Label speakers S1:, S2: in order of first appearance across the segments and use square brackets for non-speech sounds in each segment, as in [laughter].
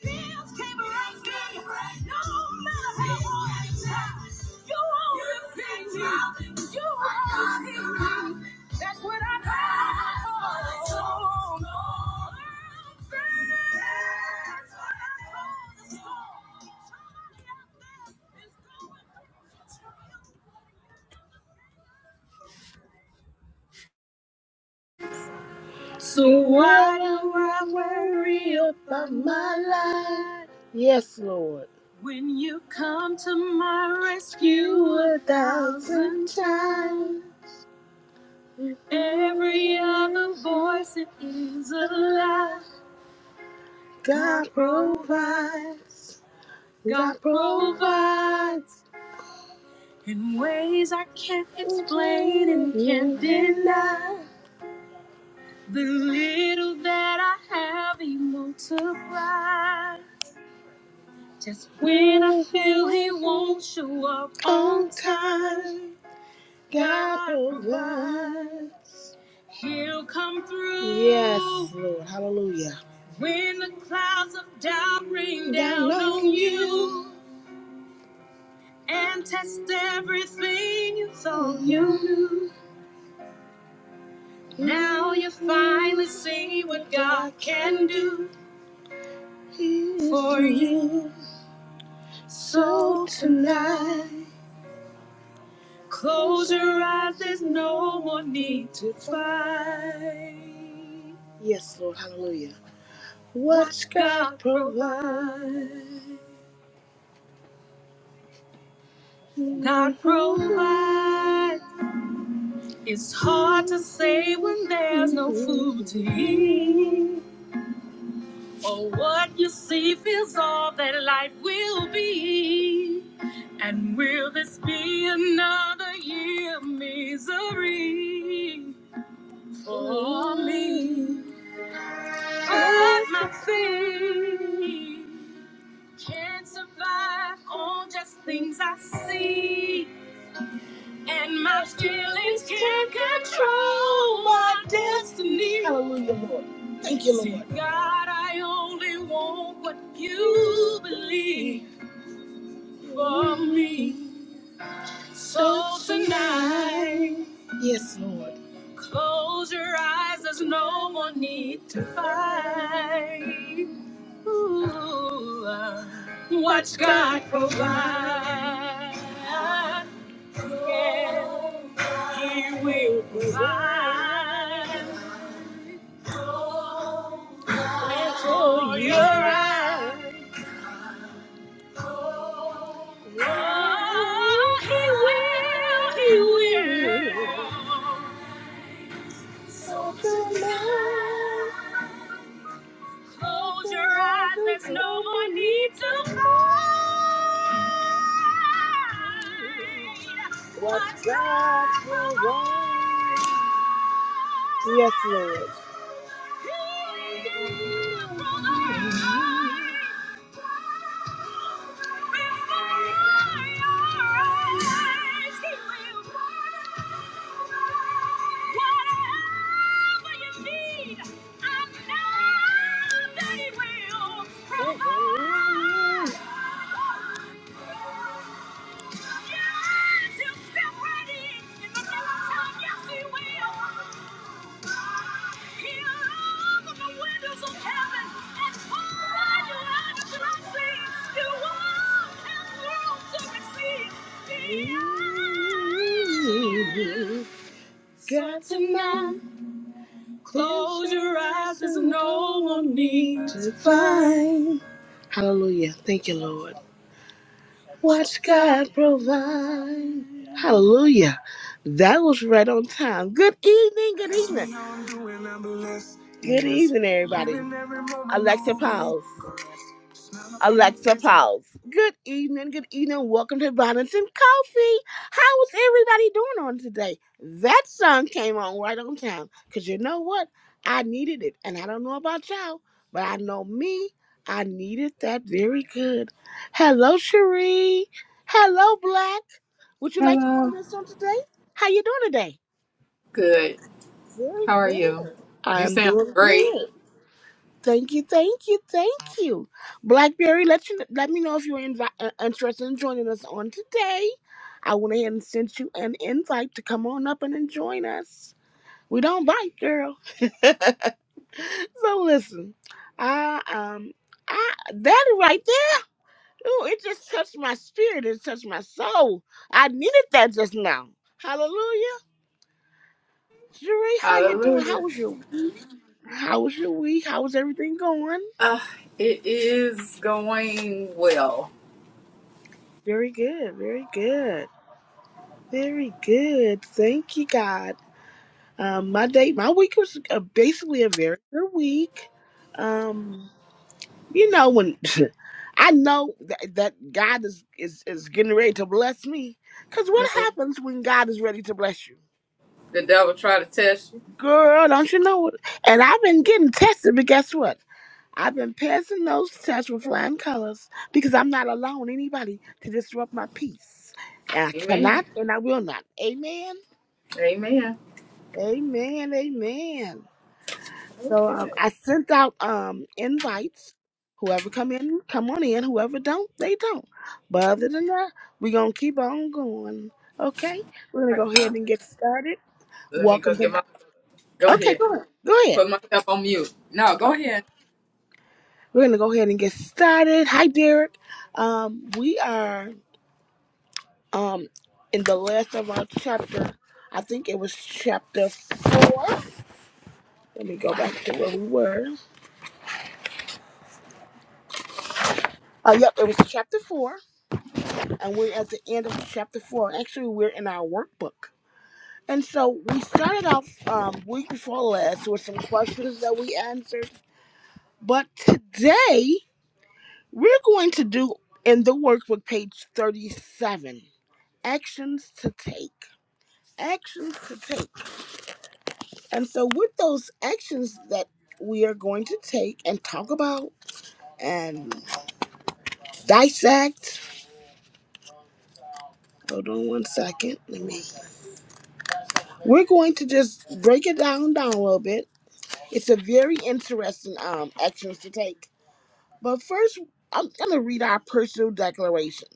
S1: Somebody out there is going through a trial. So why do I worry about my life? Yes, Lord. When you come to my rescue a thousand times, every other voice it is a lie. God provides, God provides in ways I can't explain and can't deny. The little that I have, He multiplies. Just when I feel he won't show up on time, God provide. He'll come through. Yes, Lord. Hallelujah. When the clouds of doubt rain down, on you and test everything you thought you knew. Now you finally see what God can do for you. So tonight. Close your eyes, there's no more need to fight. Yes, Lord, hallelujah. Watch God provide. God provide. It's hard to say when there's no food to eat. Or what you see feels all that life will be. And will this be another year of misery for me? At my feet. Can't survive on just things I see. And my feelings can't control my destiny. Hallelujah, Lord. Thank you, Lord. See, God, I only want what you believe for me. So tonight. Yes, Lord. Close your eyes, there's no more need to fight. Watch God provide. Yeah, He will provide for your eyes. Oh, He will, He will. So just Close your eyes, there's no more need to fight. What God will Yes, Lord. Yes, he'll step right in in the middle of time. Yes, he will. He'll open the windows of heaven and pour out your eyes to see. You won't have room to receive. Ooh, Got to now close your eyes. There's no one to find. Hallelujah. Thank you, Lord. Watch God provide. Hallelujah. That was right on time. Good evening, good evening. Good evening, everybody. Alexa Pals. Alexa Pals. Good evening, good evening. Welcome to Bonnets and Coffee. How is everybody doing on today? That song came on right on time. Because you know what? I needed it. And I don't know about y'all, but I know me. I needed that very good. Hello, Cherie. Hello, Black. Would you like to go on
S2: Hello.
S1: this on today? How you doing today?
S2: Good.
S1: Very
S2: How are you?
S1: good.
S2: You
S1: I'm
S2: sound
S1: doing
S2: great.
S1: good. Thank you, thank you, thank you. Blackberry, let you let me know if you're invi- uh, interested in joining us on today. I went ahead and sent you an invite to come on up and join us. We don't bite, girl. [laughs] so listen, I um, I that right there. Ooh, it just touched my spirit. It touched my soul. I needed that just now. Hallelujah. Jerry, how you doing? How
S2: Hallelujah.
S1: was your week? How was your week? How was everything going?
S2: Uh, it is going well.
S1: Very good, very good, very good. Thank you, God. Um, my day, my week was uh, basically a very good week. Um, you know when [laughs] I know that, that God is, is is getting ready to bless me, because what
S2: Mhm.
S1: happens when God is ready to bless you,
S2: The devil try to test you.
S1: girl? Don't you know it? And I've been getting tested, but guess what? I've been passing those tests with flying colors because I'm not allowing anybody to disrupt my peace. And I
S2: Amen.
S1: cannot and I will not. Amen.
S2: Amen.
S1: Amen. Amen. So um,
S2: Okay.
S1: I sent out um invites. Whoever come in, come on in. Whoever don't, they don't. But other than that, we're gonna keep on going. Okay? We're gonna go ahead
S2: Let
S1: and get started.
S2: me go
S1: Welcome to
S2: get my. Go
S1: Okay,
S2: ahead.
S1: go ahead. Go ahead.
S2: Put myself on mute. No, go ahead.
S1: We're gonna go ahead and get started. Hi Derek. Um, we are um in the last of our chapter i think it was chapter four let me go back to where we were oh yep it was chapter four and we're at the end of chapter four actually we're in our workbook and so we started off um week before last with some questions that we answered but today we're going to do in the workbook page 37 actions to take actions to take And so, with those actions that we are going to take and talk about and dissect, hold on one second. Let me. We're going to just break it down down a little bit. It's a very interesting um actions to take. But first, I'm going to read our personal declaration,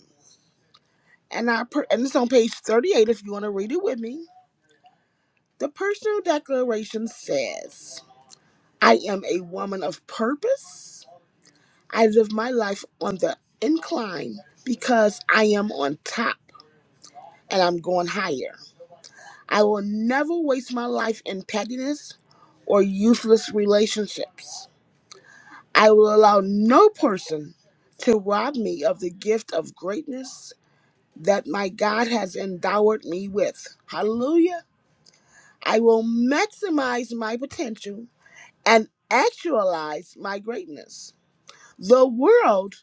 S1: and our per- and it's on page 38. If you want to read it with me, the personal declaration says, "I am a woman of purpose." I live my life on the incline because I am on top and I'm going higher. I will never waste my life in pettiness or useless relationships. I will allow no person to rob me of the gift of greatness that my God has endowed me with. Hallelujah. I will maximize my potential and actualize my greatness. The world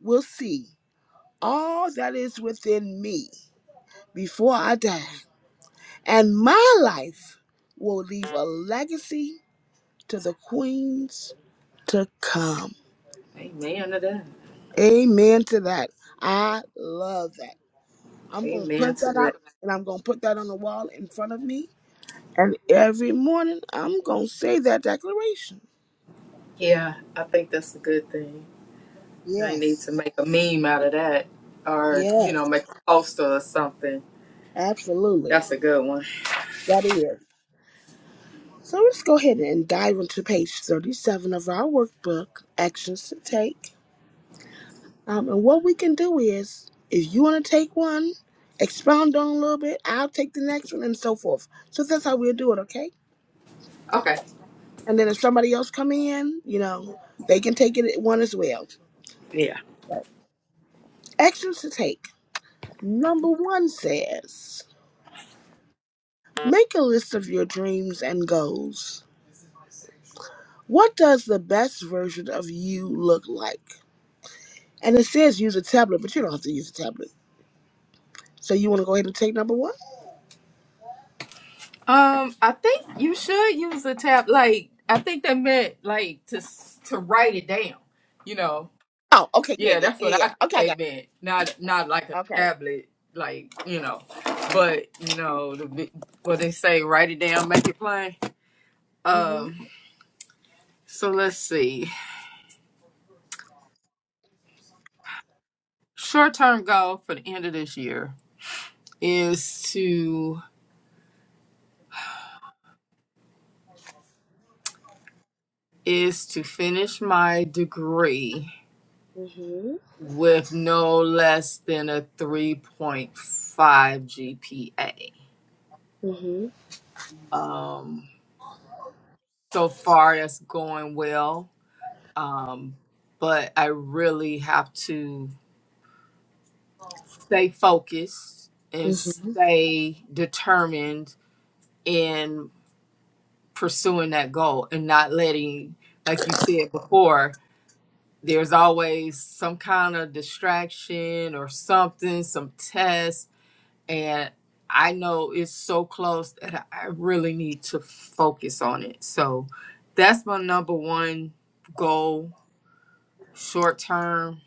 S1: will see all that is within me before I die, and my life will leave a legacy to the queens to come.
S2: Amen to that.
S1: Amen to that. I love that. I'm going to
S2: Amen
S1: print
S2: to
S1: that
S2: that.
S1: out and I'm going to put that on the wall in front of me. And every morning I'm going to say that declaration.
S2: Yeah, I think that's a good thing. I need
S1: Yes,
S2: to make a meme out of that, or you know,
S1: yes,
S2: make a poster or something.
S1: absolutely.
S2: That's a good one.
S1: That is. So let's go ahead and dive into page 37 of our workbook, Actions to Take. Um, and what we can do is, if you want to take one, expound on a little bit, I'll take the next one, and so forth. So that's how we'll do it, okay?
S2: Okay.
S1: And then if somebody else come in, you know, they can take it at one as well.
S2: Yeah.
S1: Actions to take. Number one says, make a list of your dreams and goals. What does the best version of you look like? And it says use a tablet, but you don't have to use a tablet. So you want to go ahead and take number one?
S2: Um, I think you should use a tab. Like, I think they meant like to s- to write it down. You know,
S1: Oh, okay, yeah,
S2: yeah,
S1: yeah,
S2: that's what I
S1: yeah.
S2: think
S1: Okay, I
S2: they
S1: got
S2: meant. Not not like a
S1: it. Okay.
S2: tablet, like you know, but you know the, vi- what they say: write it down, make it plain.
S1: Mm-hmm.
S2: Um, so let's see. Short term goal for the end of this year is to is to finish my degree
S1: Mm-hmm.
S2: with no less than a 3.5 GPA.
S1: Mhm.
S2: Um, so far, that's going well, um, but I really have to stay focused and
S1: Mhm.
S2: stay determined in pursuing that goal and not letting, like you said before, there's always some kind of distraction or something, some test and I know it's so close that I I really need to focus on it. So that's my number one goal, short term.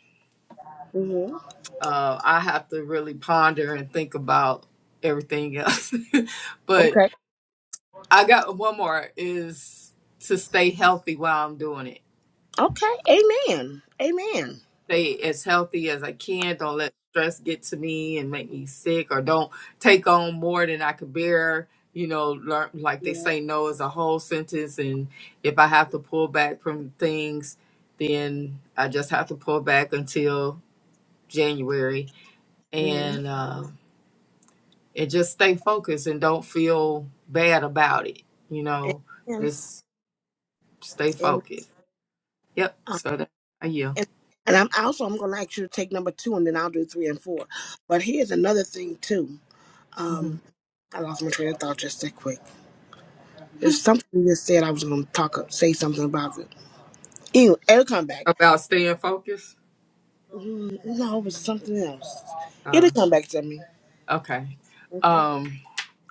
S1: Mhm.
S2: Uh, I have to really ponder and think about everything else. [laughs] but
S1: Okay.
S2: I got one more is to stay healthy while I'm doing it
S1: Okay. Amen. Amen.
S2: stay as healthy as I can. Don't let stress get to me and make me sick, or don't take on more than I could bear. You know, learn like they
S1: Yeah.
S2: say, no is a whole sentence, and if I have to pull back from things, then I just have to pull back until January,
S1: Mhm.
S2: and uh, and just stay focused and don't feel bad about it. You
S1: Amen.
S2: know, just stay
S1: Amen.
S2: focused. Yep.
S1: Uh,
S2: So that I yield.
S1: And, and I'm also I'm gonna ask you to take number two and then I'll do three and four. But here's another thing too.
S2: hmm
S1: Um I lost my train of thought just that quick.
S2: [laughs]
S1: There's something you just said I was gonna talk up say something about it. Anyway, it'll come back.
S2: About staying focused.
S1: Mm, no, it was something else.
S2: Uh,
S1: It'll come back to me.
S2: Okay.
S1: Okay.
S2: Um.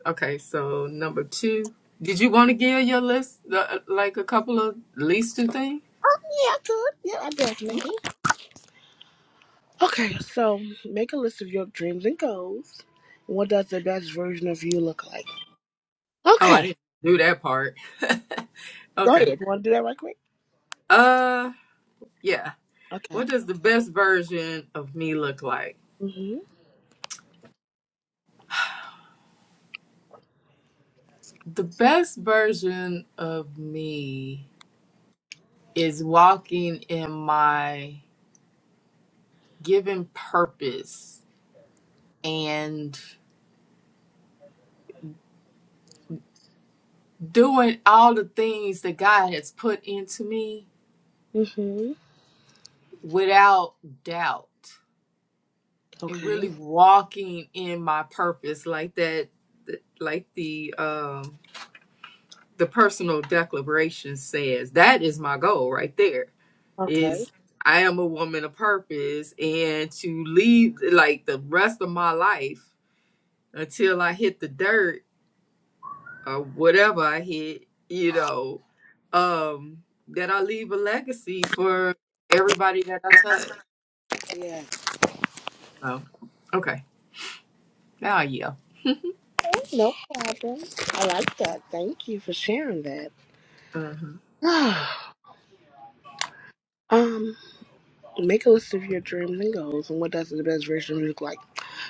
S2: Okay. So number two, did you want to give your list the, like a couple of least two things?
S1: Yeah, I could. Yeah, I definitely
S2: Okay.
S1: could. Okay, so make a list of your dreams and goals. What does the best version of you look like?
S2: Oh, I
S1: Okay,
S2: didn't do that part.
S1: go
S2: Okay.
S1: ahead. You want to do that right quick?
S2: Uh. Yeah.
S1: Okay.
S2: What does the best version of me look like?
S1: Mhm.
S2: The best version of me is walking in my given purpose and doing all the things that God has put into me
S1: Mhm.
S2: without doubt and really
S1: Okay.
S2: walking in my purpose like that th- like the um the personal declaration says that is my goal right there
S1: Okay.
S2: is i am a woman of purpose and to lead like the rest of my life until i hit the dirt or whatever i hit you know um that i leave a legacy for everybody that i touch
S1: Yeah.
S2: so okay now yeah
S1: Okay, no problem. I like that. Thank you for sharing that.
S2: uh-huh.
S1: [sighs] um, make a list of your dreams and goals, and what does the best version of you look like?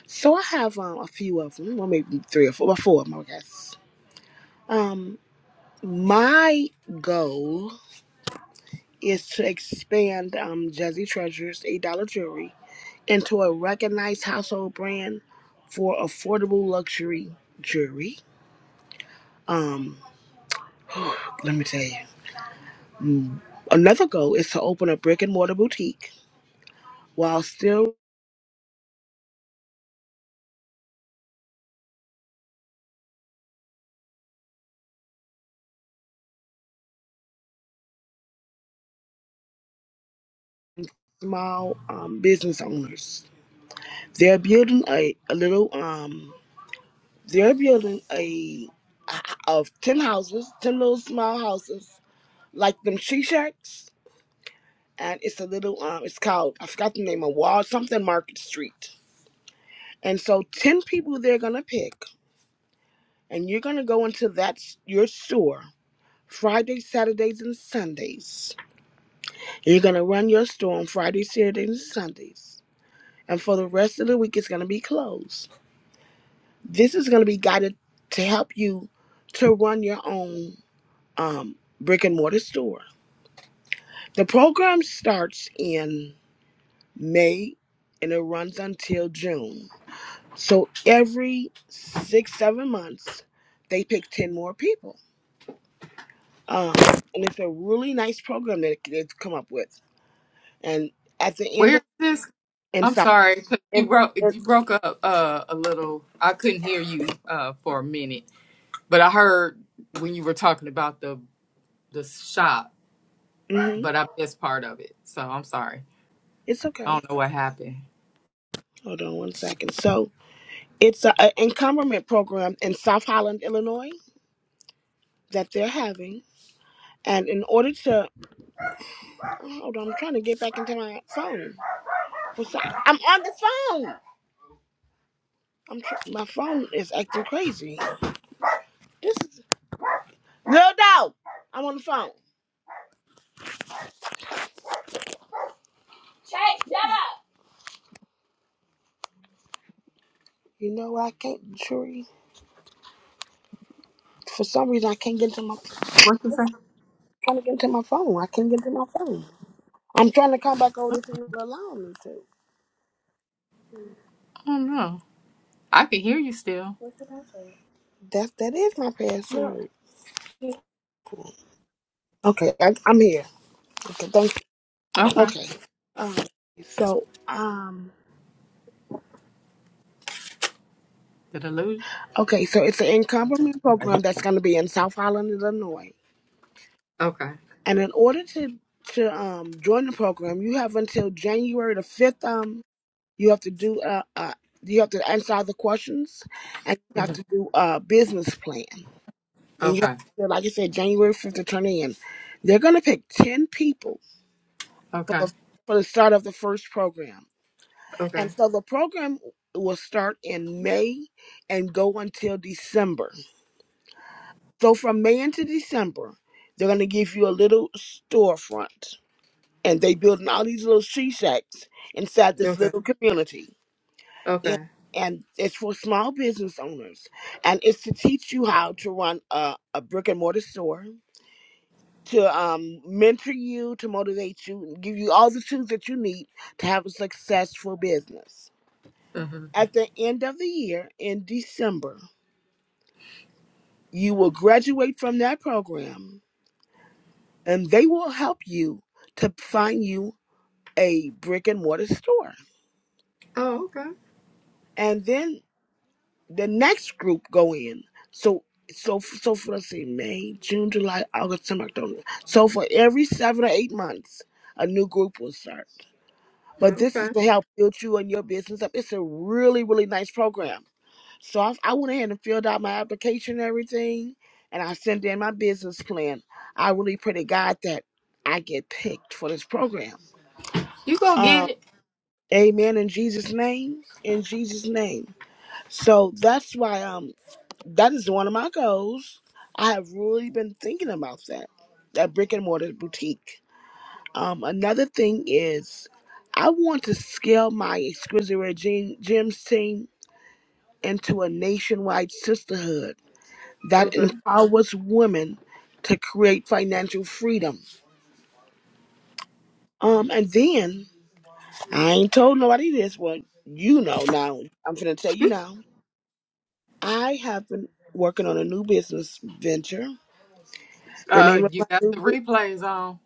S1: So I have um, a few of them. Well, maybe three or four. Well, four of them, I guess. Um, my goal. is to expand um, Jazzy Treasure's $8 jewelry into a recognized household brand for affordable luxury jewelry. Um, let me tell you. Another goal is to open a brick and mortar boutique while still small um, business owners. They're building a, a little um they're building a of ten houses, ten little small houses, like them she shacks. And it's a little um it's called I forgot the name of Wall something Market Street And so 10 people they're going to pick, and you're going to go into that s- your store Friday, Saturdays, and Sundays. You're going to run your store on Friday, Saturdays, and Sundays. And for the rest of the week, it's going to be closed. This is going to be guided to help you to run your own um, brick and mortar store. The program starts in May and it runs until June. So every six, seven months, they pick 10 more people Um, and it's a really nice program that they've come up with. And at the end
S2: where is
S1: of
S2: this
S1: and
S2: I'm
S1: so
S2: sorry, 'cause you
S1: and,
S2: broke
S1: and
S2: you broke up uh, a little. I couldn't hear you uh, for a minute, but I heard when you were talking about the the shop,
S1: hmm
S2: but I missed part of it. So I'm sorry.
S1: it's
S2: I
S1: okay.
S2: don't know what happened.
S1: Hold on one second. So it's a, a encumberment program in South Holland, Illinois, that they're having. And in order to hold on, I'm trying to get back into my phone. For some, I'm on the phone. I'm tr- my phone is acting crazy. This is little dog. I'm on the phone. Chase, shut up. You know I can't, Tree. For some reason I can't get into my
S2: What the say?
S1: trying to get to my phone. I can't get to my phone. I'm trying to come back over to it allow me to.
S2: I don't know. I can hear you still.
S1: That that is my password. Okay, I, I'm here. Okay, thank you.
S2: Okay.
S1: Okay. Um, so um,
S2: Did I lose?
S1: okay, so it's an encompassment
S2: Okay.
S1: program that's going to be in South Holland, Illinois,
S2: Okay.
S1: and in order to to um join the program, you have until January the fifth. Um, you have to do uh, uh you have to answer all the questions, and you have
S2: Mhm.
S1: to do a business plan. and you have
S2: Okay.
S1: to, like you said, January fifth to turn in. They're going to pick ten people for
S2: Okay.
S1: the for the start of the first program,
S2: Okay.
S1: and so the program will start in May and go until December. So from May into December, they're going to give you a little storefront, and they building all these little she shacks inside this
S2: Okay.
S1: little community. And
S2: Okay.
S1: and it's for small business owners, and it's to teach you how to run a, a brick and mortar store, to um, mentor you, to motivate you, and give you all the tools that you need to have a successful business.
S2: hmm
S1: At the end of the year, in December, you will graduate from that program and they will help you to find you a brick and mortar store.
S2: Oh, okay.
S1: And then the next group go in. So so so for let's see, May, June, July, August, September, October. So for every seven or eight months, a new group will start But this
S2: Okay.
S1: is to help build you and your business up. It's a really, really nice program. So I, I went ahead and filled out my application and everything, and I sent in my business plan. I really pray to God that I get picked for this program.
S2: You go
S1: Um,
S2: get it.
S1: amen in Jesus' name. In Jesus' name. So that's why um that is one of my goals. I have really been thinking about that. That brick and mortar boutique. Um, another thing is, I want to scale my exquisite Rare Gem- gems team into a nationwide sisterhood that
S2: Okay.
S1: empowers women to create financial freedom. Um, and then I ain't told nobody this. Well, you know now. I'm gonna tell you now. I have been working on a new business venture. The
S2: Uh,
S1: name of
S2: you
S1: my
S2: got
S1: new
S2: the
S1: business.
S2: replays on.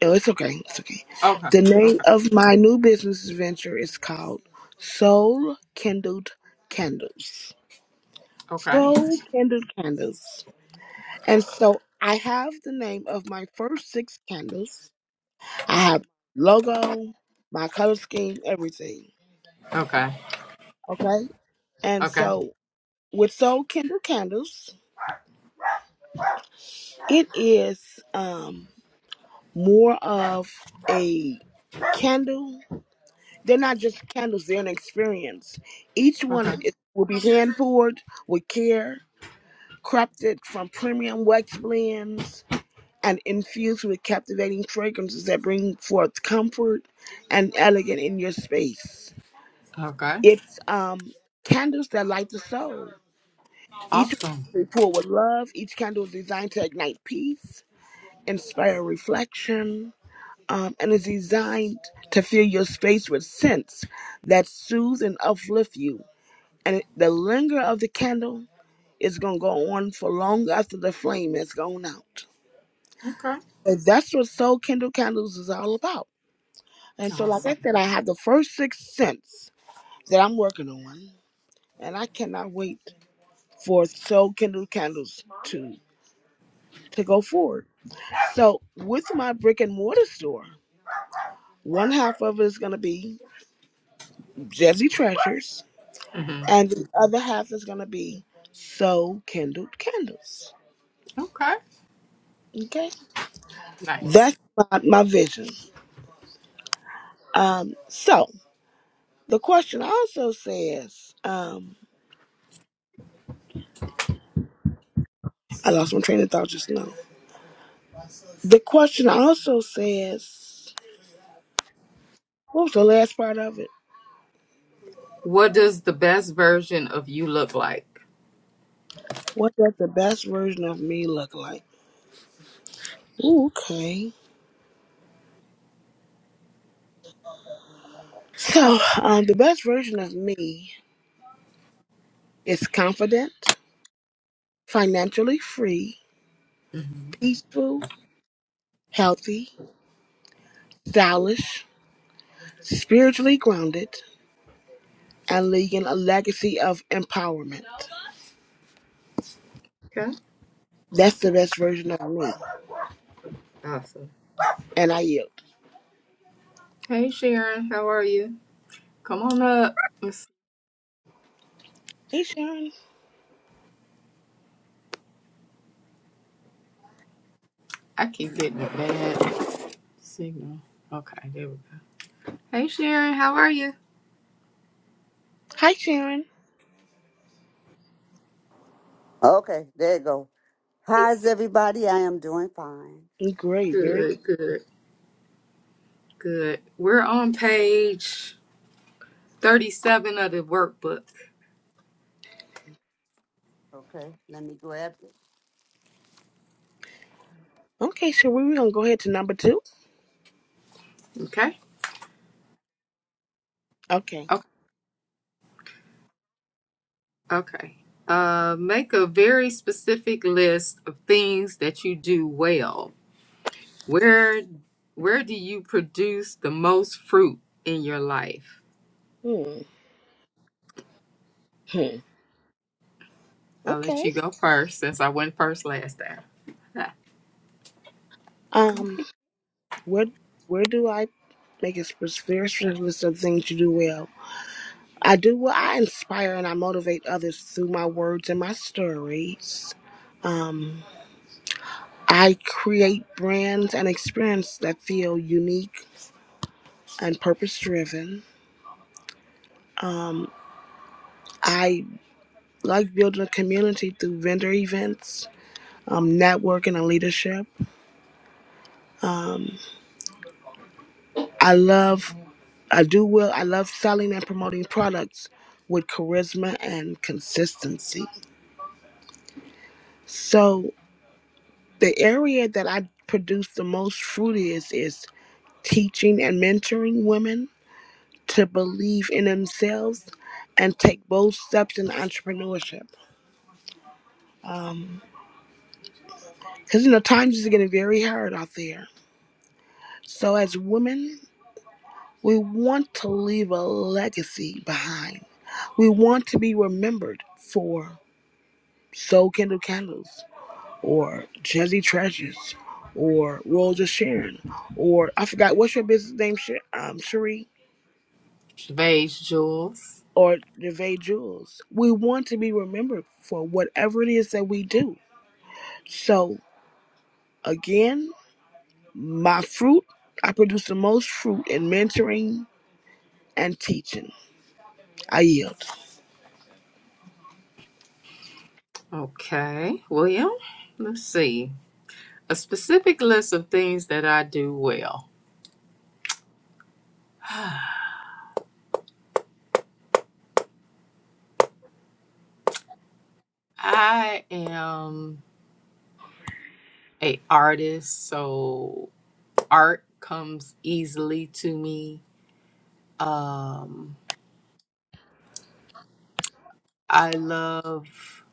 S1: Oh, it's okay. It's okay.
S2: Okay.
S1: The name
S2: Okay.
S1: of my new business venture is called Soul Kindled Candles.
S2: Okay.
S1: Soul Kindled Candles. And so I have the name of my first six candles. I have logo, my color scheme, everything.
S2: Okay.
S1: Okay. And
S2: Okay.
S1: so with Soul Kindled Candles, it is um more of a candle They're not just candles, they're an experience. Each one
S2: Okay.
S1: is, will be hand poured with care, crafted from premium wax blends, and infused with captivating fragrances that bring forth comfort and elegance in your space.
S2: Okay.
S1: It's um, candles that light the soul. Each
S2: Awesome.
S1: one is poured with love. Each candle is designed to ignite peace, inspire reflection, um, and is designed to fill your space with scents that soothe and uplift you And it- the linger of the candle is going to go on for long after the flame has gone out.
S2: Okay.
S1: And that's what Soul Kindle Candles is all about. And so, like
S2: Awesome.
S1: I said, I have the first six scents that I'm working on, and I cannot wait for Soul Kindle Candles to to go forward. So, with my brick and mortar store, one half of it is going to be Jazzy Treasures,
S2: hmm
S1: and the other half is going to be Soul Kindled Candles.
S2: Okay.
S1: Okay,
S2: Nice.
S1: that's my, my vision. Um, so the question also says, um, I lost my train of thought just now. The question also says, what was the last part of it?
S2: What does the best version of you look like?
S1: What does the best version of me look like? Ooh, okay. So, um, the best version of me is confident, financially free,
S2: hmm
S1: peaceful, healthy, stylish, spiritually grounded, and leaving a legacy of empowerment.
S2: Okay.
S1: That's the best version of me.
S2: Awesome.
S1: And I yield.
S2: Hey, Sharon. How are you? Come on up. Let's,
S1: Hey, Sharon.
S2: I keep getting a bad signal. Okay. There we go. Hey, Sharon. How are you?
S1: Hi, Sharon.
S3: Okay, there you go. How's everybody? I am doing fine.
S1: Great, very
S2: Good. Good. Good. We're on page 37 of the workbook.
S3: Okay, let me grab it.
S1: good. Okay, so we're gonna go ahead to number two.
S2: Okay.
S1: Okay.
S2: Okay. Uh, make a very specific list of things that you do well. Where where do you produce the most fruit in your life?
S1: Hmm. hmm.
S2: I'll let
S1: Okay.
S2: you go first since I went first last time. [laughs] Ah, Go
S1: Um.
S2: ahead.
S1: Where Where do I make a sp- very strict list of things you do well? I do well. I inspire and I motivate others through my words and my stories. Um. I create brands and experiences that feel unique and purpose driven. Um. I like building a community through vendor events, um, networking, and leadership. Um, I love, I do well, I love selling and promoting products with charisma and consistency. So the area that I produce the most fruit is, is teaching and mentoring women to believe in themselves and take bold steps in entrepreneurship. Um, because you know times is getting very hard out there. So as women, we want to leave a legacy behind. We want to be remembered for Soul Candle Candles or Jazzy Treasures or Rolls of Sharon or I forgot what's your business name, Sh- um, Cherie
S2: Vase Jules.
S1: or Gervais Jules. We want to be remembered for whatever it is that we do. So again, my fruit, I produce the most fruit in mentoring and teaching. I yield.
S2: Okay. William, let's see. A specific list of things that I do well. [sighs] I am a artist, so art comes easily to me Um, I love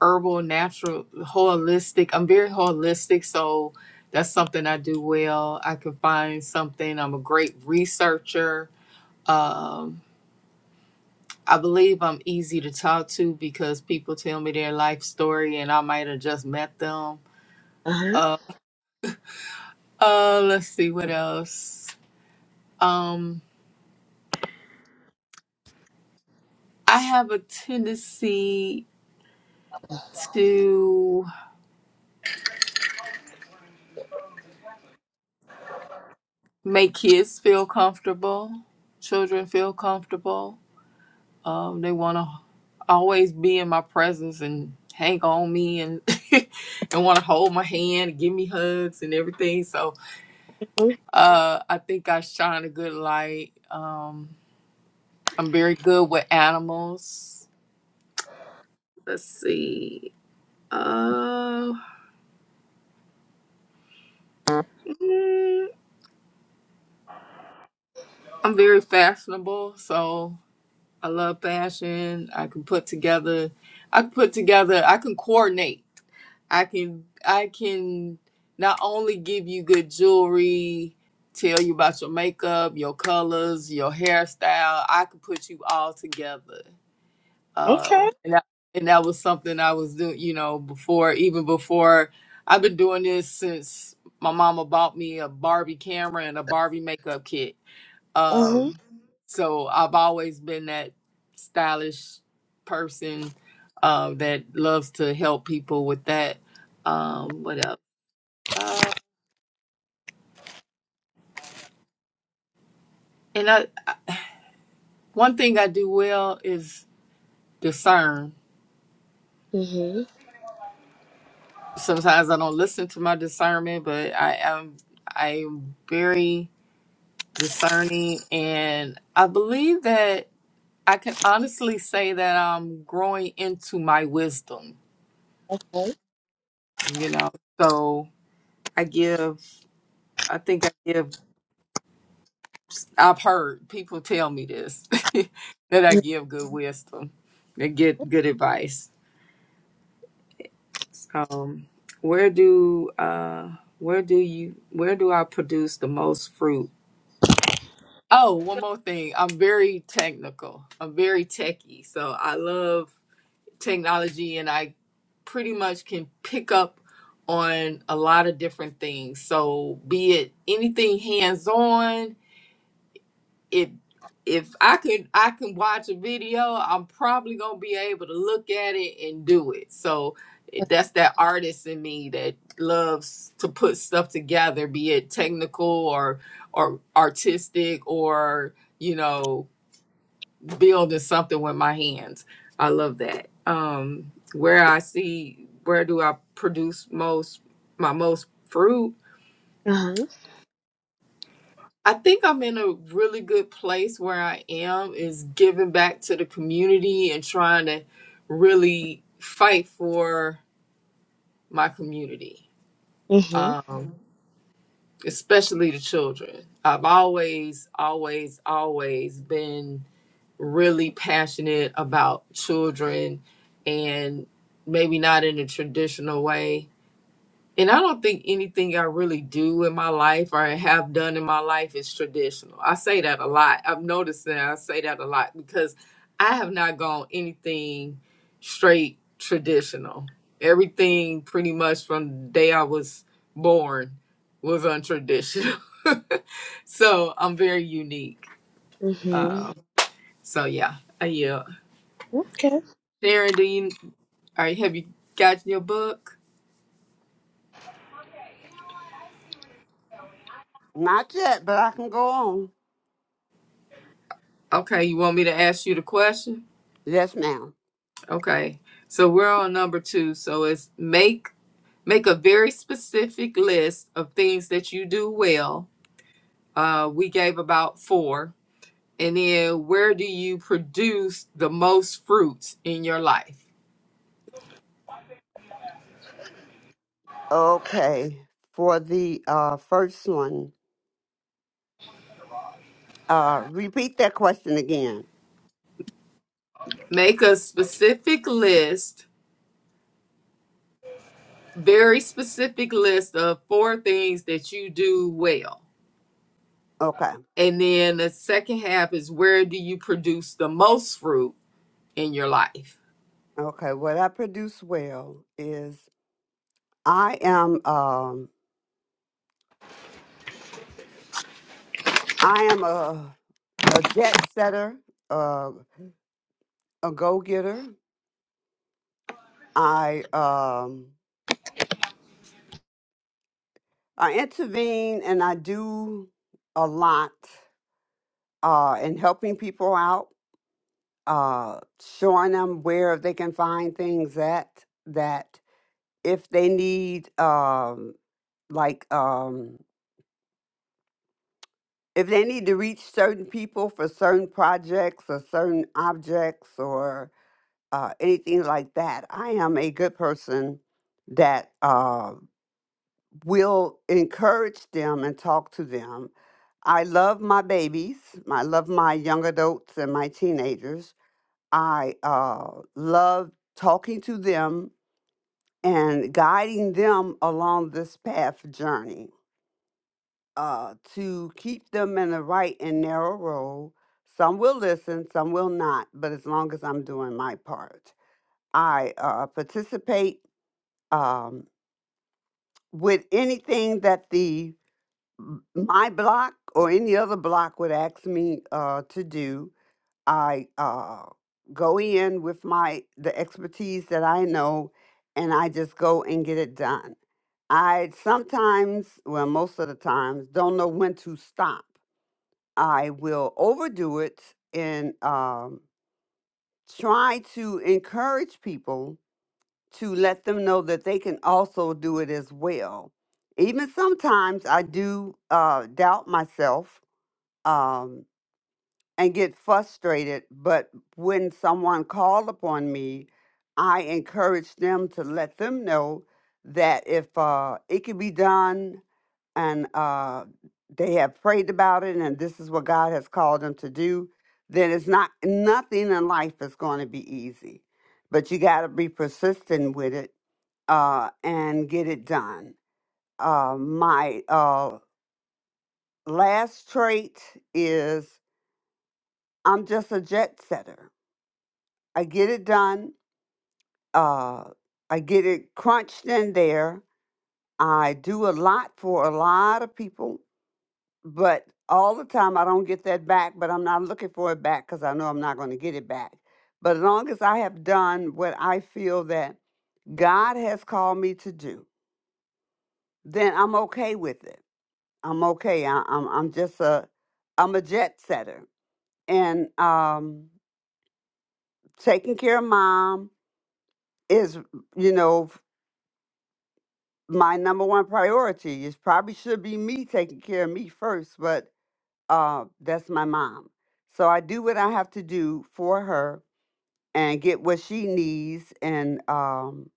S2: herbal, natural, holistic. I'm very holistic, so that's something I do well. I can find something. I'm a great researcher. Um, I believe I'm easy to talk to because people tell me their life story and I might have just met them.
S1: Uh
S2: Uh, uh, let's see what else. Um, I have a tendency to make kids feel comfortable, children feel comfortable. Um, they want to always be in my presence and hang on me and [laughs] and want to hold my hand and give me hugs and everything. So uh, I think I shine a good light. Um, I'm very good with animals. Let's see. Uh,
S1: huh.
S2: mm, I'm very fashionable, so I love fashion. I can put together. I can put together. I can coordinate I can I can not only give you good jewelry, tell you about your makeup, your colors, your hairstyle. I could put you all together.
S1: Okay.
S2: Um, and that, and that was something I was doing, you know, before even before I've been doing this since my mama bought me a Barbie camera and a Barbie makeup kit.
S1: Uh huh.
S2: Um, so I've always been that stylish person uh, that loves to help people with that. Um, what else? Uh, and I, one thing I do well is discern.
S1: Mhm.
S2: Sometimes I don't listen to my discernment, but I am I am very discerning, and I believe that I can honestly say that I'm growing into my wisdom. You know, so I give. I think I give. I've heard people tell me this [laughs] that I give good wisdom, and get good advice. Um, where do uh, where do you where do I produce the most fruit? Oh, one more thing. I'm very technical. I'm very techie, so I love technology, and I pretty much can pick up on a lot of different things. So, be it anything hands on if if I could I can watch a video, I'm probably gonna be able to look at it and do it. So it- that's that artist in me that loves to put stuff together, be it technical or or artistic or you know building something with my hands. I love that. Um, where I see where do I produce most my most fruit?
S1: Mhm.
S2: I think I'm in a really good place where I am is giving back to the community and trying to really fight for my community,
S1: Mhm.
S2: um, especially the children. I've always, always, always been really passionate about children and maybe not in a traditional way And I don't think anything I really do in my life or have done in my life is traditional. I say that a lot. I've noticed that I say that a lot because I have not gone anything straight traditional. Everything pretty much from the day I was born was untraditional. [laughs] so I'm very unique.
S1: Mhm.
S2: Um, so yeah, I yeah.
S1: Okay.
S2: Sharon, do you or have you gotten your book?
S3: Not yet, but I can go on.
S2: Okay, you want me to ask you the question?
S3: Yes, ma'am.
S2: Okay. So we're on number two. So it's make make a very specific list of things that you do well. Uh, we gave about four. And then where do you produce the most fruits in your life?
S3: Okay, for the uh, first one, uh, repeat that question again.
S2: Make a specific list, very specific list of four things that you do well.
S3: Okay,
S2: And then the second half is where do you produce the most fruit in your life?
S3: okay. What I produce well is I am um, I am a a jet setter, uh, a go getter. I um, I intervene and I do a lot uh, and helping people out, uh, showing them where they can find things at that if they need, um, like, um, if they need to reach certain people for certain projects or certain objects or uh, anything like that, I am a good person that uh, will encourage them and talk to them. I love my babies. I love my young adults and my teenagers I uh, love talking to them and guiding them along this path journey uh, to keep them in the right and narrow road. Some will listen, some will not, but as long as I'm doing my part, I uh, participate um, with anything that the m- my block or any other block would ask me uh, to do I uh, go in with my the expertise that I know, and I just go and get it done. I sometimes, well, most of the times, don't know when to stop. I will overdo it and um, try to encourage people to let them know that they can also do it as well. Even sometimes I do uh, doubt myself um, and get frustrated. But when someone called upon me, I encouraged them to let them know that if uh, it can be done and uh, they have prayed about it and this is what God has called them to do, then it's not nothing in life is going to be easy. But you got to be persistent with it uh, and get it done. Uh, my uh, last trait is I'm just a jet setter. I get it done. Uh, I get it crunched in there. I do a lot for a lot of people, but all the time I don't get that back, but I'm not looking for it back because I know I'm not going to get it back. But as long as I have done what I feel that God has called me to do, then I'm okay with it. I'm okay. I, I'm I'm just a I'm a jet setter, and um, taking care of mom is you know my number one priority. It probably should be me taking care of me first, but uh, that's my mom. So I do what I have to do for her and get what she needs, and um,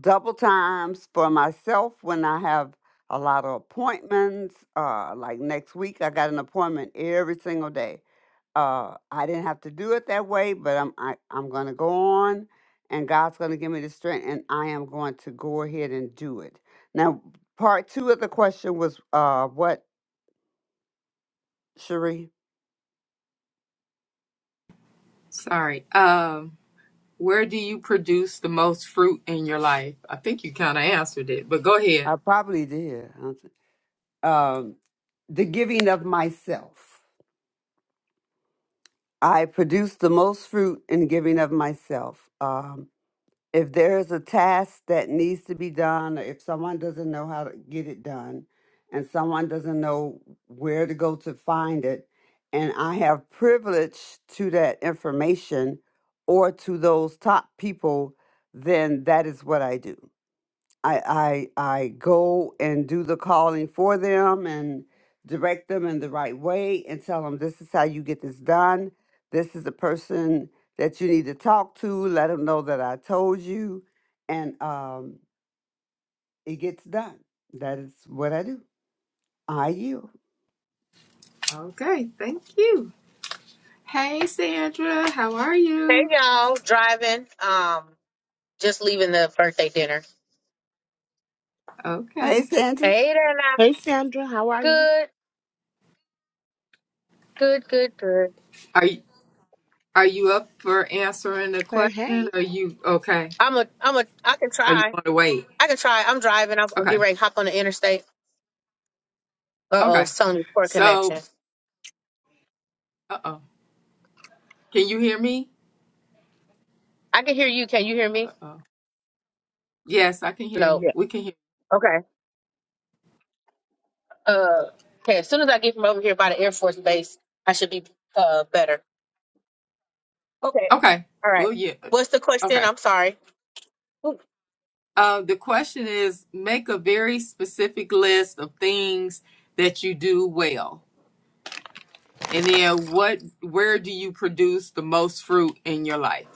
S3: double times for myself when I have a lot of appointments. Uh, like next week, I got an appointment every single day uh, I didn't have to do it that way, but I'm I, I'm going to go on, and God's going to give me the strength, and I am going to go ahead and do it. Now, part two of the question was uh, what, Cherie?
S2: Sorry. Um Where do you produce the most fruit in your life? I think you kind of answered it, but go ahead.
S3: I probably did. I don't thi- Um, the giving of myself. I produce the most fruit in giving of myself. Um. if there is a task that needs to be done, or if someone doesn't know how to get it done, and someone doesn't know where to go to find it, and I have privilege to that information or to those top people, then that is what I do. I I I go and do the calling for them and direct them in the right way and tell them this is how you get this done. This is the person that you need to talk to. Let them know that I told you, and um, it gets done. That is what I do. I yield.
S2: Okay, thank you. Hey, Sandra, how are
S4: Hey
S2: you?
S4: y'all, driving. Um, just leaving the birthday dinner.
S3: Hey,
S2: Okay.
S3: Sandra.
S4: Hey there now.
S1: Hey Sandra, how are you?
S4: Good, good, good, good.
S2: Are you, are you up for answering the
S1: Hey,
S2: question?
S1: hey.
S2: Are you okay?
S4: I'm a, I'm a, I can
S2: Are you
S4: try.
S2: want to wait?
S4: I can try. I'm driving. I'm, I'm getting
S2: Okay.
S4: ready to hop on the interstate. Uh oh,
S2: Okay.
S4: Sony poor
S2: So,
S4: connection.
S2: uh-oh. Can you hear me?
S4: I can hear you. Can you hear me?
S2: Uh-oh. Yes, I can hear
S4: No.
S2: you. We can hear.
S4: Okay. Uh, okay. As soon as I get from over here by the Air Force Base, I should be uh better. Okay.
S2: Okay.
S4: All right.
S2: Well, yeah. uh,
S4: What's the question?
S2: Okay.
S4: I'm sorry.
S2: Uh, the question is make a very specific list of things that you do well And then what where do you produce the most fruit in your life?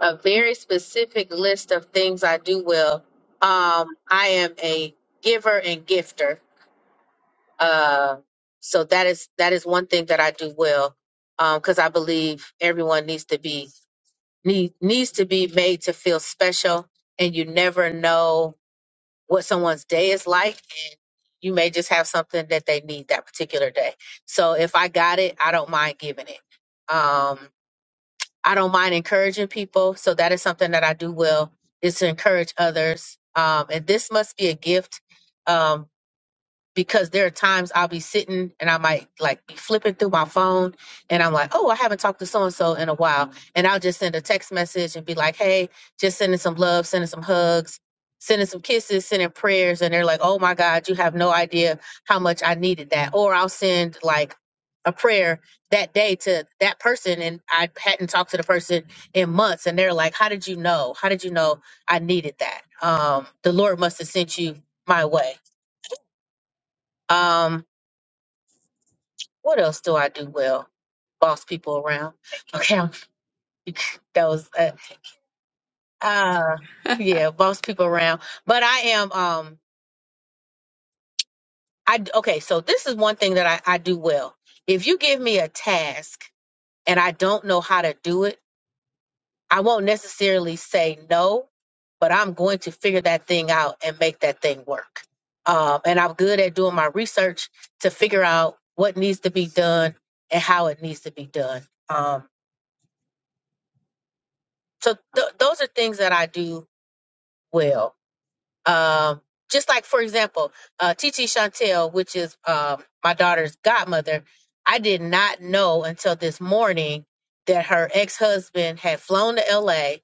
S4: a very specific list of things I do well. Um, I am a giver and gifter. Uh, so that is that is one thing that I do well because I believe everyone needs to be need, needs to be made to feel special, and you never know what someone's day is like, and you may just have something that they need that particular day. So if I got it, I don't mind giving it. Um, I don't mind encouraging people. So that is something that I do well is to encourage others. Um, and this must be a gift. Um, because there are times I'll be sitting and I might like be flipping through my phone and I'm like, oh, I haven't talked to so and so in a while. And I'll just send a text message and be like, hey, just sending some love, sending some hugs, sending some kisses, sending prayers. And they're like, oh my God, you have no idea how much I needed that. Or I'll send like a prayer that day to that person and I hadn't talked to the person in months. And they're like, how did you know? How did you know I needed that? Um, the Lord must have sent you my way. Um, What else do I do well? Boss people around. Okay, I'm, [laughs] that was uh, uh yeah, boss people around. But I am um I okay, so this is one thing that I, I do well. If you give me a task and I don't know how to do it, I won't necessarily say no, but I'm going to figure that thing out and make that thing work. Um, and I'm good at doing my research to figure out what needs to be done and how it needs to be done. Um, so th- those are things that I do well. Um, just like for example, uh, Titi Chantel, which is um my daughter's godmother, I did not know until this morning that her ex husband had flown to L.A.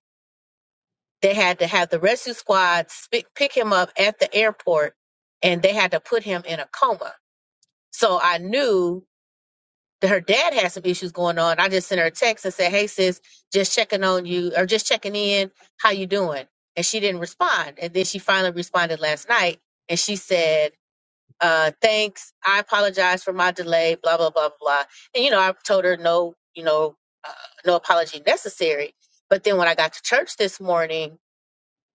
S4: They had to have the rescue squad sp- pick him up at the airport, and they had to put him in a coma. So I knew that her dad had some issues going on. I just sent her a text and said, "Hey sis, just checking on you or just checking in. How you doing?" And she didn't respond. And then she finally responded last night, and she said, uh, "Thanks. I apologize for my delay. Blah blah blah blah." And you know, I told her no, you know, uh, no apology necessary. But then when I got to church this morning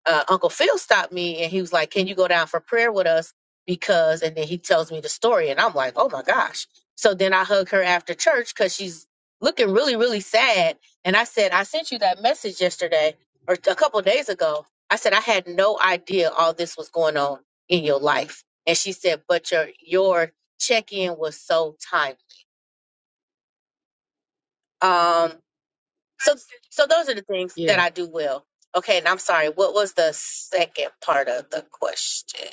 S4: uh, Uncle Phil stopped me and he was like, "Can you go down for prayer with us?" Because, and then he tells me the story, and I'm like, "Oh my gosh!" So then I hug her after church because she's looking really, really sad. And I said, "I sent you that message yesterday or a couple of days ago." I said, "I had no idea all this was going on in your life." And she said, "But your your check in was so timely." Um, so so those are the things that
S2: Yeah.
S4: I do well. Okay, and I'm sorry. What was the second part of the question?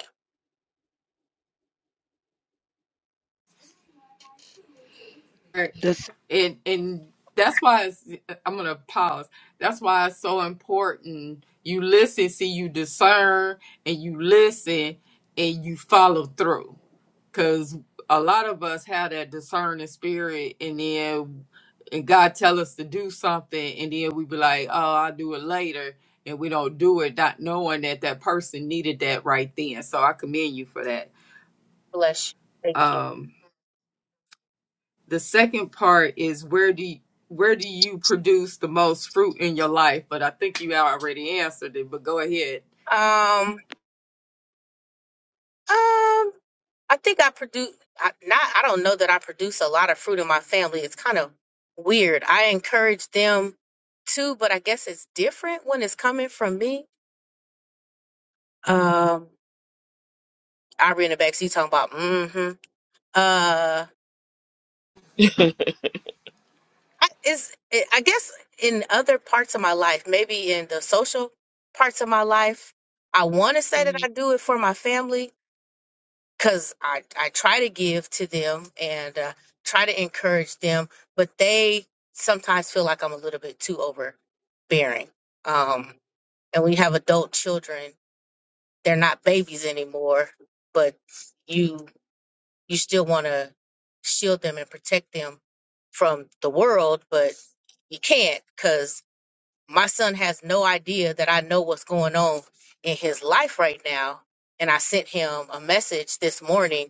S2: Right.
S1: The s-
S2: And and that's why it's, I'm going to pause. That's why it's so important you listen, see you discern and you listen and you follow through. because a lot of us have that discerning spirit and then and god tell us to do something and then we be like oh i'll do it later and we don't do it not knowing that that person needed that right then so i commend you for that
S4: Bless you. Thank you.
S2: um the second part is where do you where do you produce the most fruit in your life? But I think you already answered it. But go ahead,
S4: Um, um, I think I produce. I, not. I don't know that I produce a lot of fruit in my family. It's kind of weird. I encourage them too, but I guess it's different when it's coming from me. Um, I read in the back seat talking about. Mm-hmm. Uh, I, it's. It, I guess in other parts of my life, maybe in the social parts of my life, I want to say that
S1: mm,
S4: I do it for my family because I, I try to give to them and uh, try to encourage them, but they sometimes feel like I'm a little bit too overbearing. Um, and when you have adult children, they're not babies anymore, but you you still want to shield them and protect them from the world, but you can't because my son has no idea that I know what's going on in his life right now. And I sent him a message this morning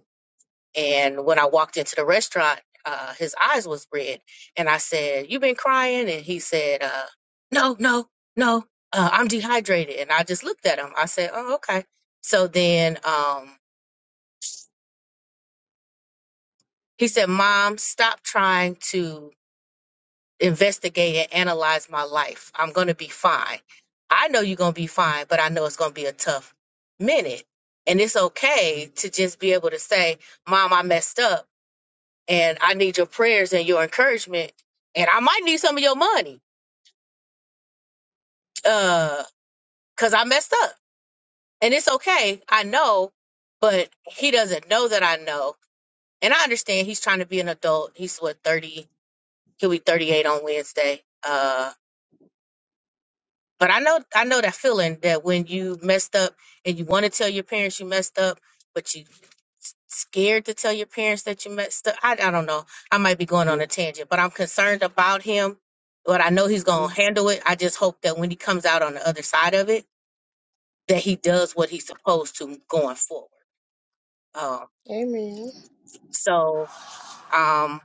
S4: and when I walked into the restaurant, uh, his eyes was red, and I said, "You been crying?" And he said, uh, "No, no, no, uh, I'm dehydrated." And I just looked at him. I said, "Oh, okay." So then um, he said, "Mom, stop trying to investigate and analyze my life. I'm gonna be fine. I know you're gonna be fine, but I know it's gonna be a tough minute, and it's okay to just be able to say, 'Mom, I messed up." and I need your prayers and your encouragement, and I might need some of your money, uh, cause I messed up, and it's okay. I know, but he doesn't know that I know, and I understand he's trying to be an adult. He's what thirty? He'll be thirty-eight on Wednesday. Uh, But I know I know that feeling that when you messed up and you want to tell your parents you messed up, but you s- scared to tell your parents that you messed up. I, I don't know. I might be going on a tangent, but I'm concerned about him. But I know he's gonna
S1: mm,
S4: handle it. I just hope that when he comes out on the other side of it, that he does what he's supposed to going forward. Um,
S1: Amen.
S4: so um,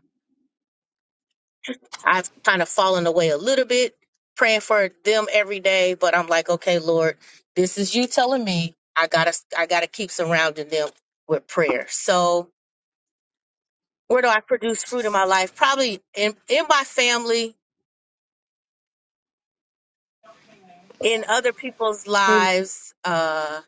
S4: I've kind of fallen away a little bit praying for them every day, but I'm like, okay, Lord, this is you telling me I gotta I gotta keep surrounding them with prayer. So where do I produce fruit in my life? Probably in in my family, in other people's
S1: hey,
S4: lives, uh,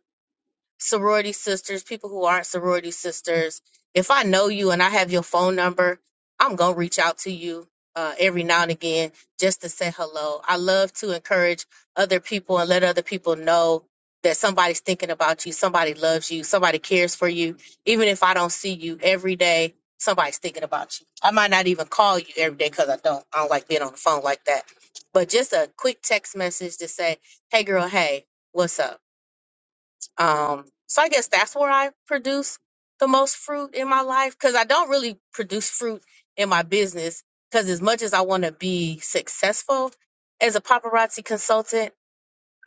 S4: sorority sisters, people who aren't sorority sisters, if I know you and I have your phone number, I'm going to reach out to you uh, every now and again just to say hello. I love to encourage other people and let other people know that somebody's thinking about you, somebody loves you, somebody cares for you. Even if I don't see you every day, somebody's thinking about you. I might not even call you every day because I don't. I don't like being on the phone like that. But just a quick text message to say, hey, girl, hey, what's up? Um, so I guess that's where I produce the most fruit in my life because I don't really produce fruit in my business. Because as much as I want to be successful as a paparazzi consultant,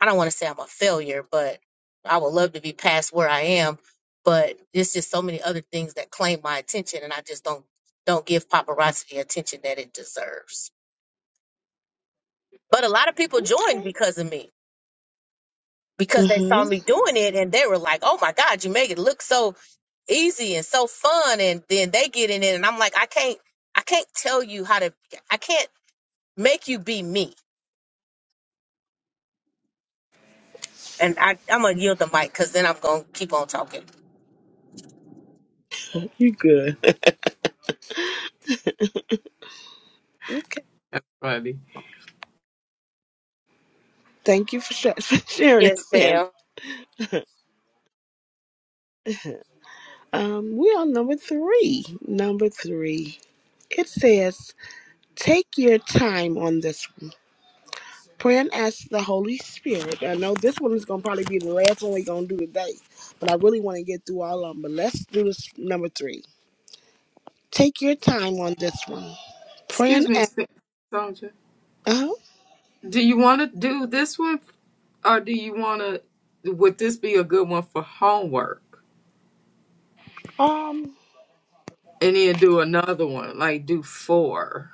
S4: I don't want to say I'm a failure, but I would love to be past where I am. But it's just so many other things that claim my attention, and I just don't don't give paparazzi the attention that it deserves. But a lot of people joined because of me because they saw
S1: mm-hmm.
S4: me doing it, and they were like, "Oh my God, you make it look so." easy and so fun and then they get in it and I'm like I can't I can't tell you how to I can't make you be me and I I'm gonna yield the mic because then I'm gonna keep on talking
S1: You good. [laughs] Okay.
S2: buddy.
S1: Thank you for, sh- [laughs] for sharing it,
S4: yes
S1: Sandra.
S4: ma'am
S1: Um, we on number three. Number three. It says, take your time on this one. Pray and ask the Holy Spirit. I know this one is going to probably be the last one we're going to do today, but I really want to get through all of them. But let's do this number three. Take your time on this one. Pray
S2: Excuse
S1: and
S2: me,
S1: ask.
S2: Sandra.
S1: Uh-huh.
S2: Do you want to do this one, or do you want to? Would this be a good one for homework?
S1: Um,
S2: And then do another one, like do four,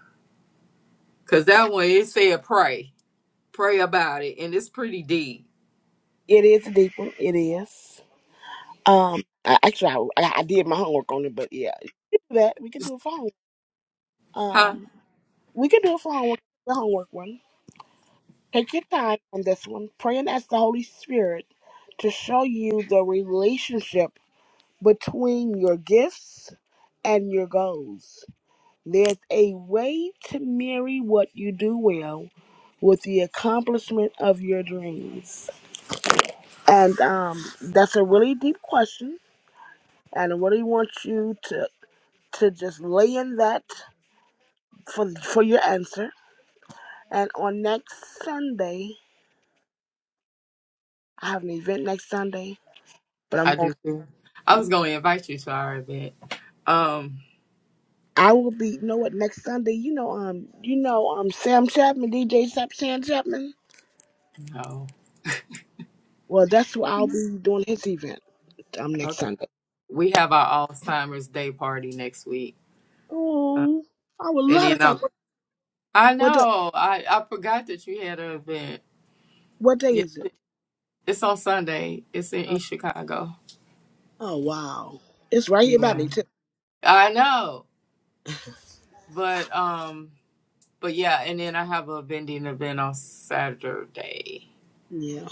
S2: because that one it said pray, pray about it, and it's pretty deep,
S1: it is a deep one. It is. Um, I, actually, I, I I did my homework on it, but yeah, that we could do a phone.
S2: huh?
S1: Um, we could do a phone homework, the homework one. Take your time on this one. Pray and ask the Holy Spirit to show you the relationship between your gifts and your goals. There's a way to marry what you do well with the accomplishment of your dreams. And um, that's a really deep question. And I really want you to to just lay in that for for your answer. And on next Sunday, I have an event next Sunday, but I'm
S2: I
S1: going.
S2: do too. I was gonna invite you to our event. Um,
S1: I will be. You know what? Next Sunday, you know, um, you know, um, Sam Chapman, DJ Sap Sam Chapman.
S2: no,
S1: Well, that's what I'll be doing his event. Um, next
S2: okay.
S1: Sunday.
S2: We have our Alzheimer's Day party next week, Uh,
S1: Oh, I would
S2: and
S1: love to
S2: then
S1: come.
S2: I,
S1: What
S2: I
S1: what, the,
S2: know I I forgot that you had an event.
S1: what day
S2: Yes,
S1: is it?
S2: it's on Sunday. It's in
S1: Uh,
S2: East Chicago.
S1: oh wow, it's right here by
S2: Yeah.
S1: me too.
S2: I know. But um but yeah, and then I have a vending event on Saturday
S1: Yeah.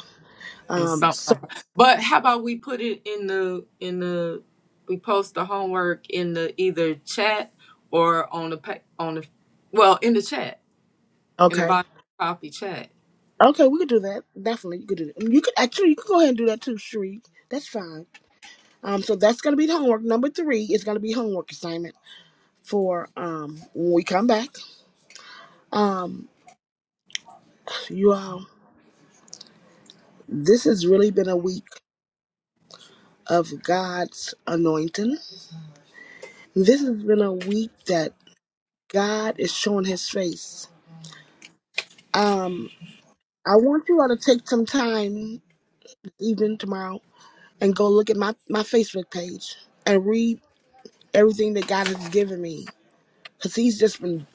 S2: and
S1: Um. So
S2: something. But how about we put it in the in the we post the homework in the either chat or on the pa- on the well in the chat in the
S1: okay.
S2: bottom copy chat.
S1: Okay, we could do that. Definitely, you could do that. You could actually you could go ahead and do that too, Sheree. That's fine. Um, so that's gonna be the homework. Number three is gonna be homework assignment for um when we come back. Um, you all, this has really been a week of God's anointing. This has been a week that God is showing His face. Um, I want you all to take some time, even tomorrow, and go look at my my Facebook page and read everything that God has given me Because he's just been,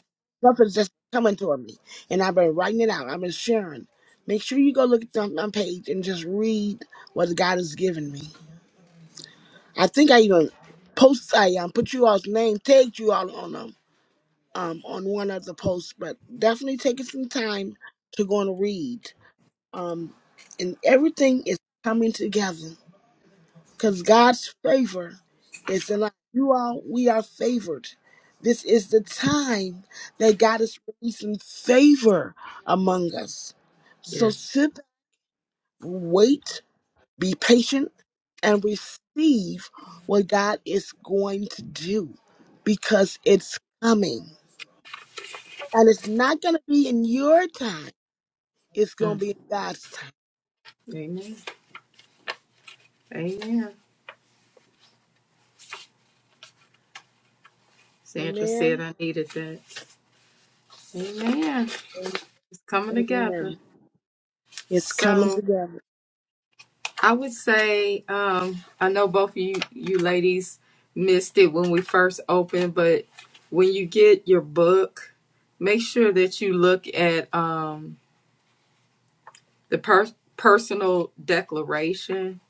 S1: stuff has just coming toward me. And I've been writing it out, I've been sharing. Make sure you go look at the, my page and just read what God has given me. I think I even post, I um, put you all's name, tagged you all on them. Um, on one of the posts, but definitely taking some time to go and read. Um, and everything is coming together. Because God's favor is in life. You all, we are favored. This is the time that God is releasing favor among us.
S2: Yeah.
S1: So sit, back, wait, be patient, and receive what God is going to do because it's coming. And it's not going to be in your time, it's going to
S2: Mm.
S1: be in God's time.
S2: Amen. Amen. Sandra said
S1: Amen.
S2: I needed that. Amen. It's coming together.
S1: Amen. It's coming
S2: So.
S1: together.
S2: I would say um, I know both of you you ladies missed it when we first opened, but when you get your book, make sure that you look at um, the per- personal declaration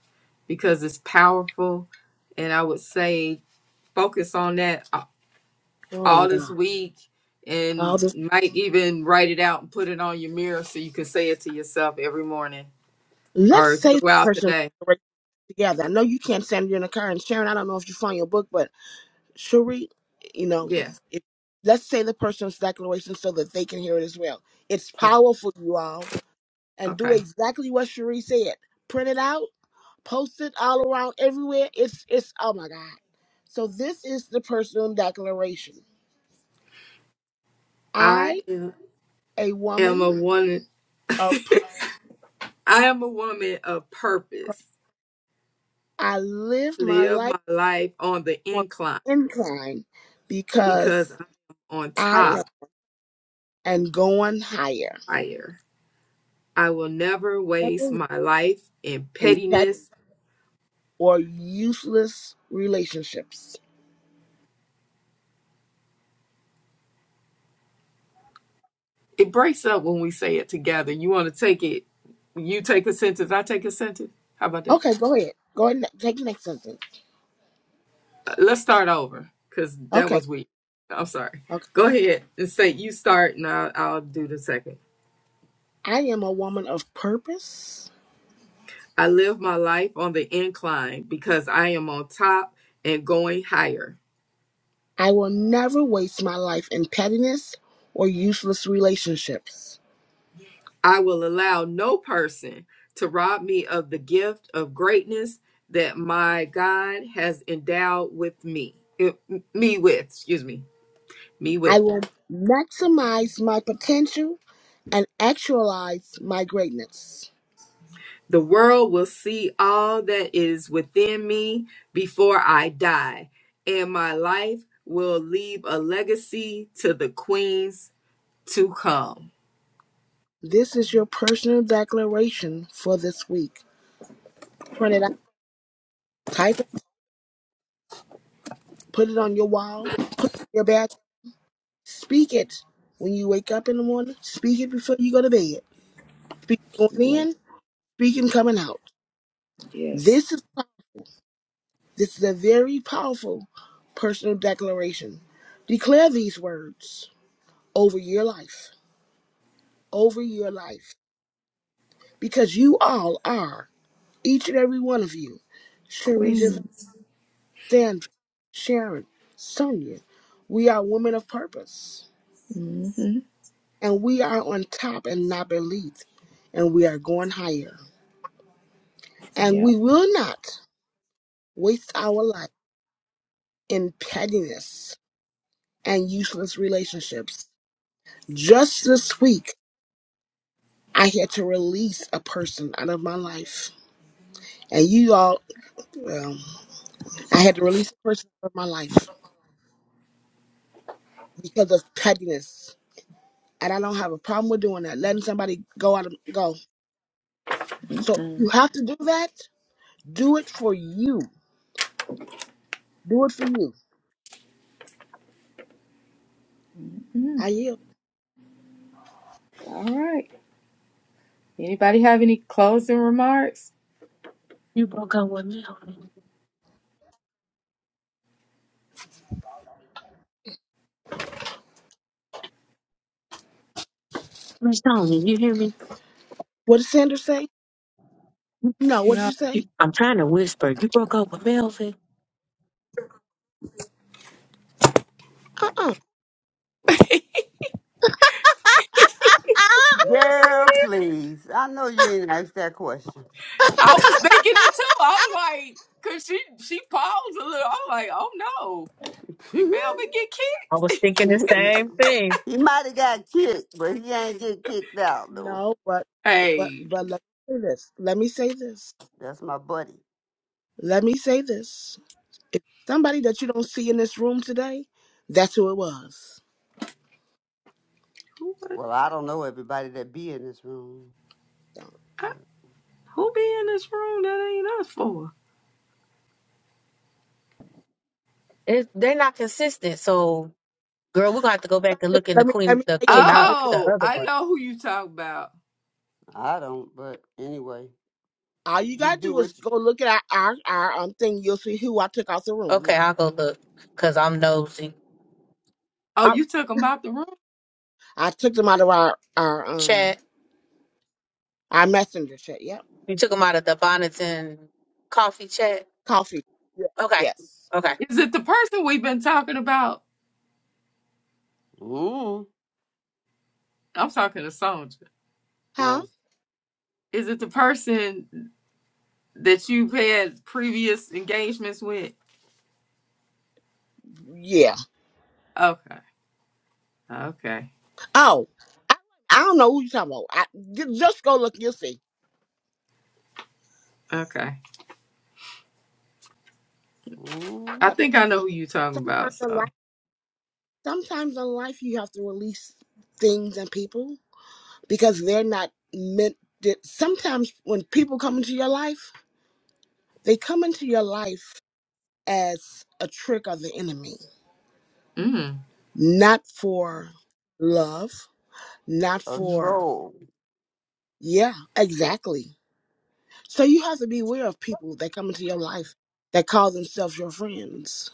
S2: because it's powerful, and I would say focus on that a-
S1: Oh my
S2: all this
S1: God.
S2: week,
S1: All
S2: and
S1: this.
S2: might even write it out and put it on your mirror so you can say it to yourself every morning
S1: Let's
S2: or
S1: say the
S2: throughout the
S1: person
S2: day.
S1: we together. I know you can't stand in a car and Sharon, I don't know if you found your book, but Cherie, you know,
S2: Yes.
S1: if, let's say the person's declaration so that they can hear it as well. It's
S2: Okay.
S1: powerful, you all, and do
S2: okay.
S1: exactly what Cherie said. Print it out, post it all around everywhere. It's it's oh my god. So this is the personal declaration.
S2: I
S1: I,
S2: am.
S1: a
S2: am a
S1: woman
S2: woman.
S1: of purpose,
S2: I am a woman of purpose.
S1: I live my
S2: Live
S1: life
S2: my life on the
S1: on
S2: incline
S1: incline
S2: because
S1: because.
S2: I'm on
S1: I am.
S2: top
S1: and going higher
S2: higher. I will never waste my life in
S1: in pet
S2: pettiness.
S1: or useless relationships.
S2: It breaks up when we say it together. You want to take it, you take a sentence, I take a sentence. How about that?
S1: Okay, go ahead. Go ahead and take the next sentence.
S2: Uh, Let's start over because that
S1: Okay,
S2: was weak. I'm sorry.
S1: okay.
S2: Go ahead and say you start and I'll, I'll do the second.
S1: I am a woman of purpose.
S2: I live my life on the incline because I am on top and going higher.
S1: I will never waste my life in pettiness or useless relationships.
S2: I will allow no person to rob me of the gift of greatness that my God has endowed with me. eh, Me with, excuse me, me
S1: I
S2: with.
S1: will maximize my potential and actualize my greatness.
S2: The world will see all that is within me before I die, and my life will leave a legacy to the queens to come.
S1: This is your personal declaration for this week. Print it out, type it, put it on your wall, put it in your bathroom Speak it when you wake up in the morning. Speak it before you go to bed. Speak going
S2: Yeah,
S1: in, speak and coming out.
S2: yes.
S1: This is this is a very powerful personal declaration. Declare these words over your life, over your life, because you all are, each and every one of you, Sharita,
S2: Queen.
S1: Sandra, Sharon, Sonia. We are women of purpose,
S2: hmm
S1: and we are on top and not beneath, and we are going higher, and
S2: Yep.
S1: we will not. waste our life in pettiness and useless relationships. Just this week, I had to release a person out of my life. And you all, well, I had to release a person out of my life because of pettiness. And I don't have a problem with doing that, letting somebody go out of go. So if you
S2: Mm.
S1: have to do that, do it for you. Do it for you. I yield.
S2: All right. Anybody have any closing remarks?
S4: You broke up with Melvin. Miss Tony, you hear me?
S1: What did Sanders say?
S4: You,
S1: No. What did
S2: No.
S1: you say?
S4: you- I'm trying to whisper. You broke up with Melvin.
S1: Uh-uh.
S3: Girl, please. I know you ain't asked that question.
S2: I was thinking it too. I was like, cause she she paused a little. I'm like, oh no,
S3: [laughs]
S2: did
S3: he
S2: Melvin get kicked?
S4: I was thinking the same thing
S3: might have got kicked, but he ain't get kicked out though.
S1: No, but but
S2: Hey,
S1: but let me say this. Let me say this.
S3: That's my buddy.
S1: Let me say this. If somebody that you don't see in this room today, that's who it was.
S2: who
S3: Well, I don't know everybody that be in this room,
S1: So,
S3: but
S2: who be in this room that ain't us for?
S4: it, they're not consistent so girl we're gonna have to go back and look in the
S1: Let me let
S4: queen
S1: me
S4: the
S1: tell you
S4: queen
S1: what you
S4: not
S1: gotta do.
S4: the
S2: Oh,
S4: other
S2: I
S4: one
S2: know who you talk about.
S3: I don't. But anyway,
S1: All you
S3: you
S1: gotta
S3: do
S1: do
S3: what
S1: is
S3: you.
S1: go look at our our, our um thing. You'll see who I took out the room.
S4: okay
S1: Now
S4: I'll go look because I'm nosy
S2: Oh,
S4: i
S2: you took him out the room.
S1: I took them out of our our um
S4: chat
S1: our messenger chat. Yep.
S4: You took them out of the bonnets and coffee chat.
S1: Coffee. Yeah.
S4: Okay.
S1: Yes.
S4: Okay.
S2: Is it the person we've been talking about?
S3: Mm,
S2: I'm talking to Sonja.
S1: Huh?
S3: oh,
S2: Is it the person that you've had previous engagements with?
S1: Yeah.
S2: Okay. Okay.
S1: Oh, I, I don't know who you talking about. I, ju- just go look. You'll see.
S2: Okay. I
S3: mm,
S1: So
S2: think I know who you're talking about.
S1: sometimes in
S2: So,
S1: life, sometimes in life, you have to release things and people because they're not meant. To, sometimes when people come into your life, they come into your life as a trick of the enemy,
S2: mm.
S1: not for love, not
S3: a
S1: for,
S3: troll
S1: yeah, exactly. So you have to be aware of people that come into your life that call themselves your friends.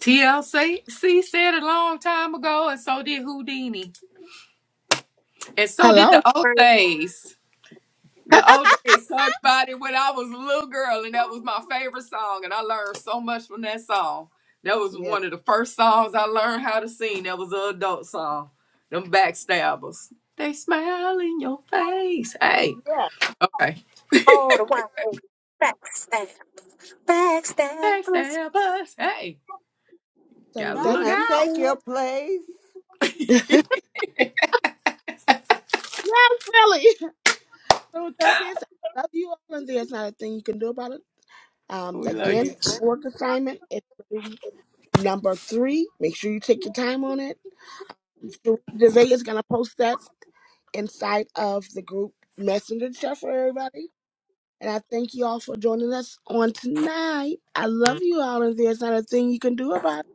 S2: TLC said a long time ago, and so did Houdini, and so did
S1: Hello?
S2: the OJ's. The OJ's sung about it when I was a little girl, and that was my favorite song, and I learned so much from that song. That was
S1: Yeah.
S2: one of the first songs I learned how to sing. That was an adult song. Them backstabbers. They smile in your face. Hey.
S1: Yeah.
S2: Okay.
S4: Oh, facts. Thank- Facts. thank- bless-
S2: Backstabbers. Hey.
S1: So
S2: Gotta
S1: with that
S3: trying
S2: look
S3: to
S1: being
S2: out.
S1: said,
S3: take your
S1: [laughs]
S3: place.
S1: yeah, really. So with that being said, I love you all, and there's not a thing you can do about it. Um,
S2: We love
S1: again,
S2: you.
S1: work assignment. It's Number three, make sure you take your time on it. Devay is going to post that inside of the group messenger chat for everybody. And I thank you all for joining us on tonight. I love you all, and there's not a thing you can do about it.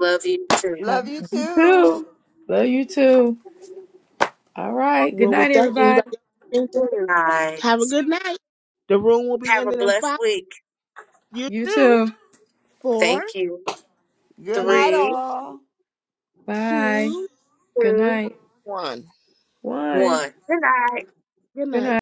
S4: Love you too.
S2: Have
S3: Love you
S2: you too.
S3: too.
S2: Love you too. All right. Good
S1: Well,
S2: night,
S1: with that,
S2: everybody.
S1: anybody else?
S4: Good night.
S1: Have a good night. The room will be
S4: Have a
S1: ending in
S4: blessed
S1: five.
S4: week.
S1: You
S2: You
S1: do.
S2: too.
S1: Four,
S4: Thank you.
S3: Good
S1: three,
S3: night,
S4: Three,
S3: all.
S2: Bye.
S1: two,
S2: Good
S4: two,
S2: night.
S1: one.
S2: One.
S4: one. Good night.
S1: Good
S2: Good night.
S1: night.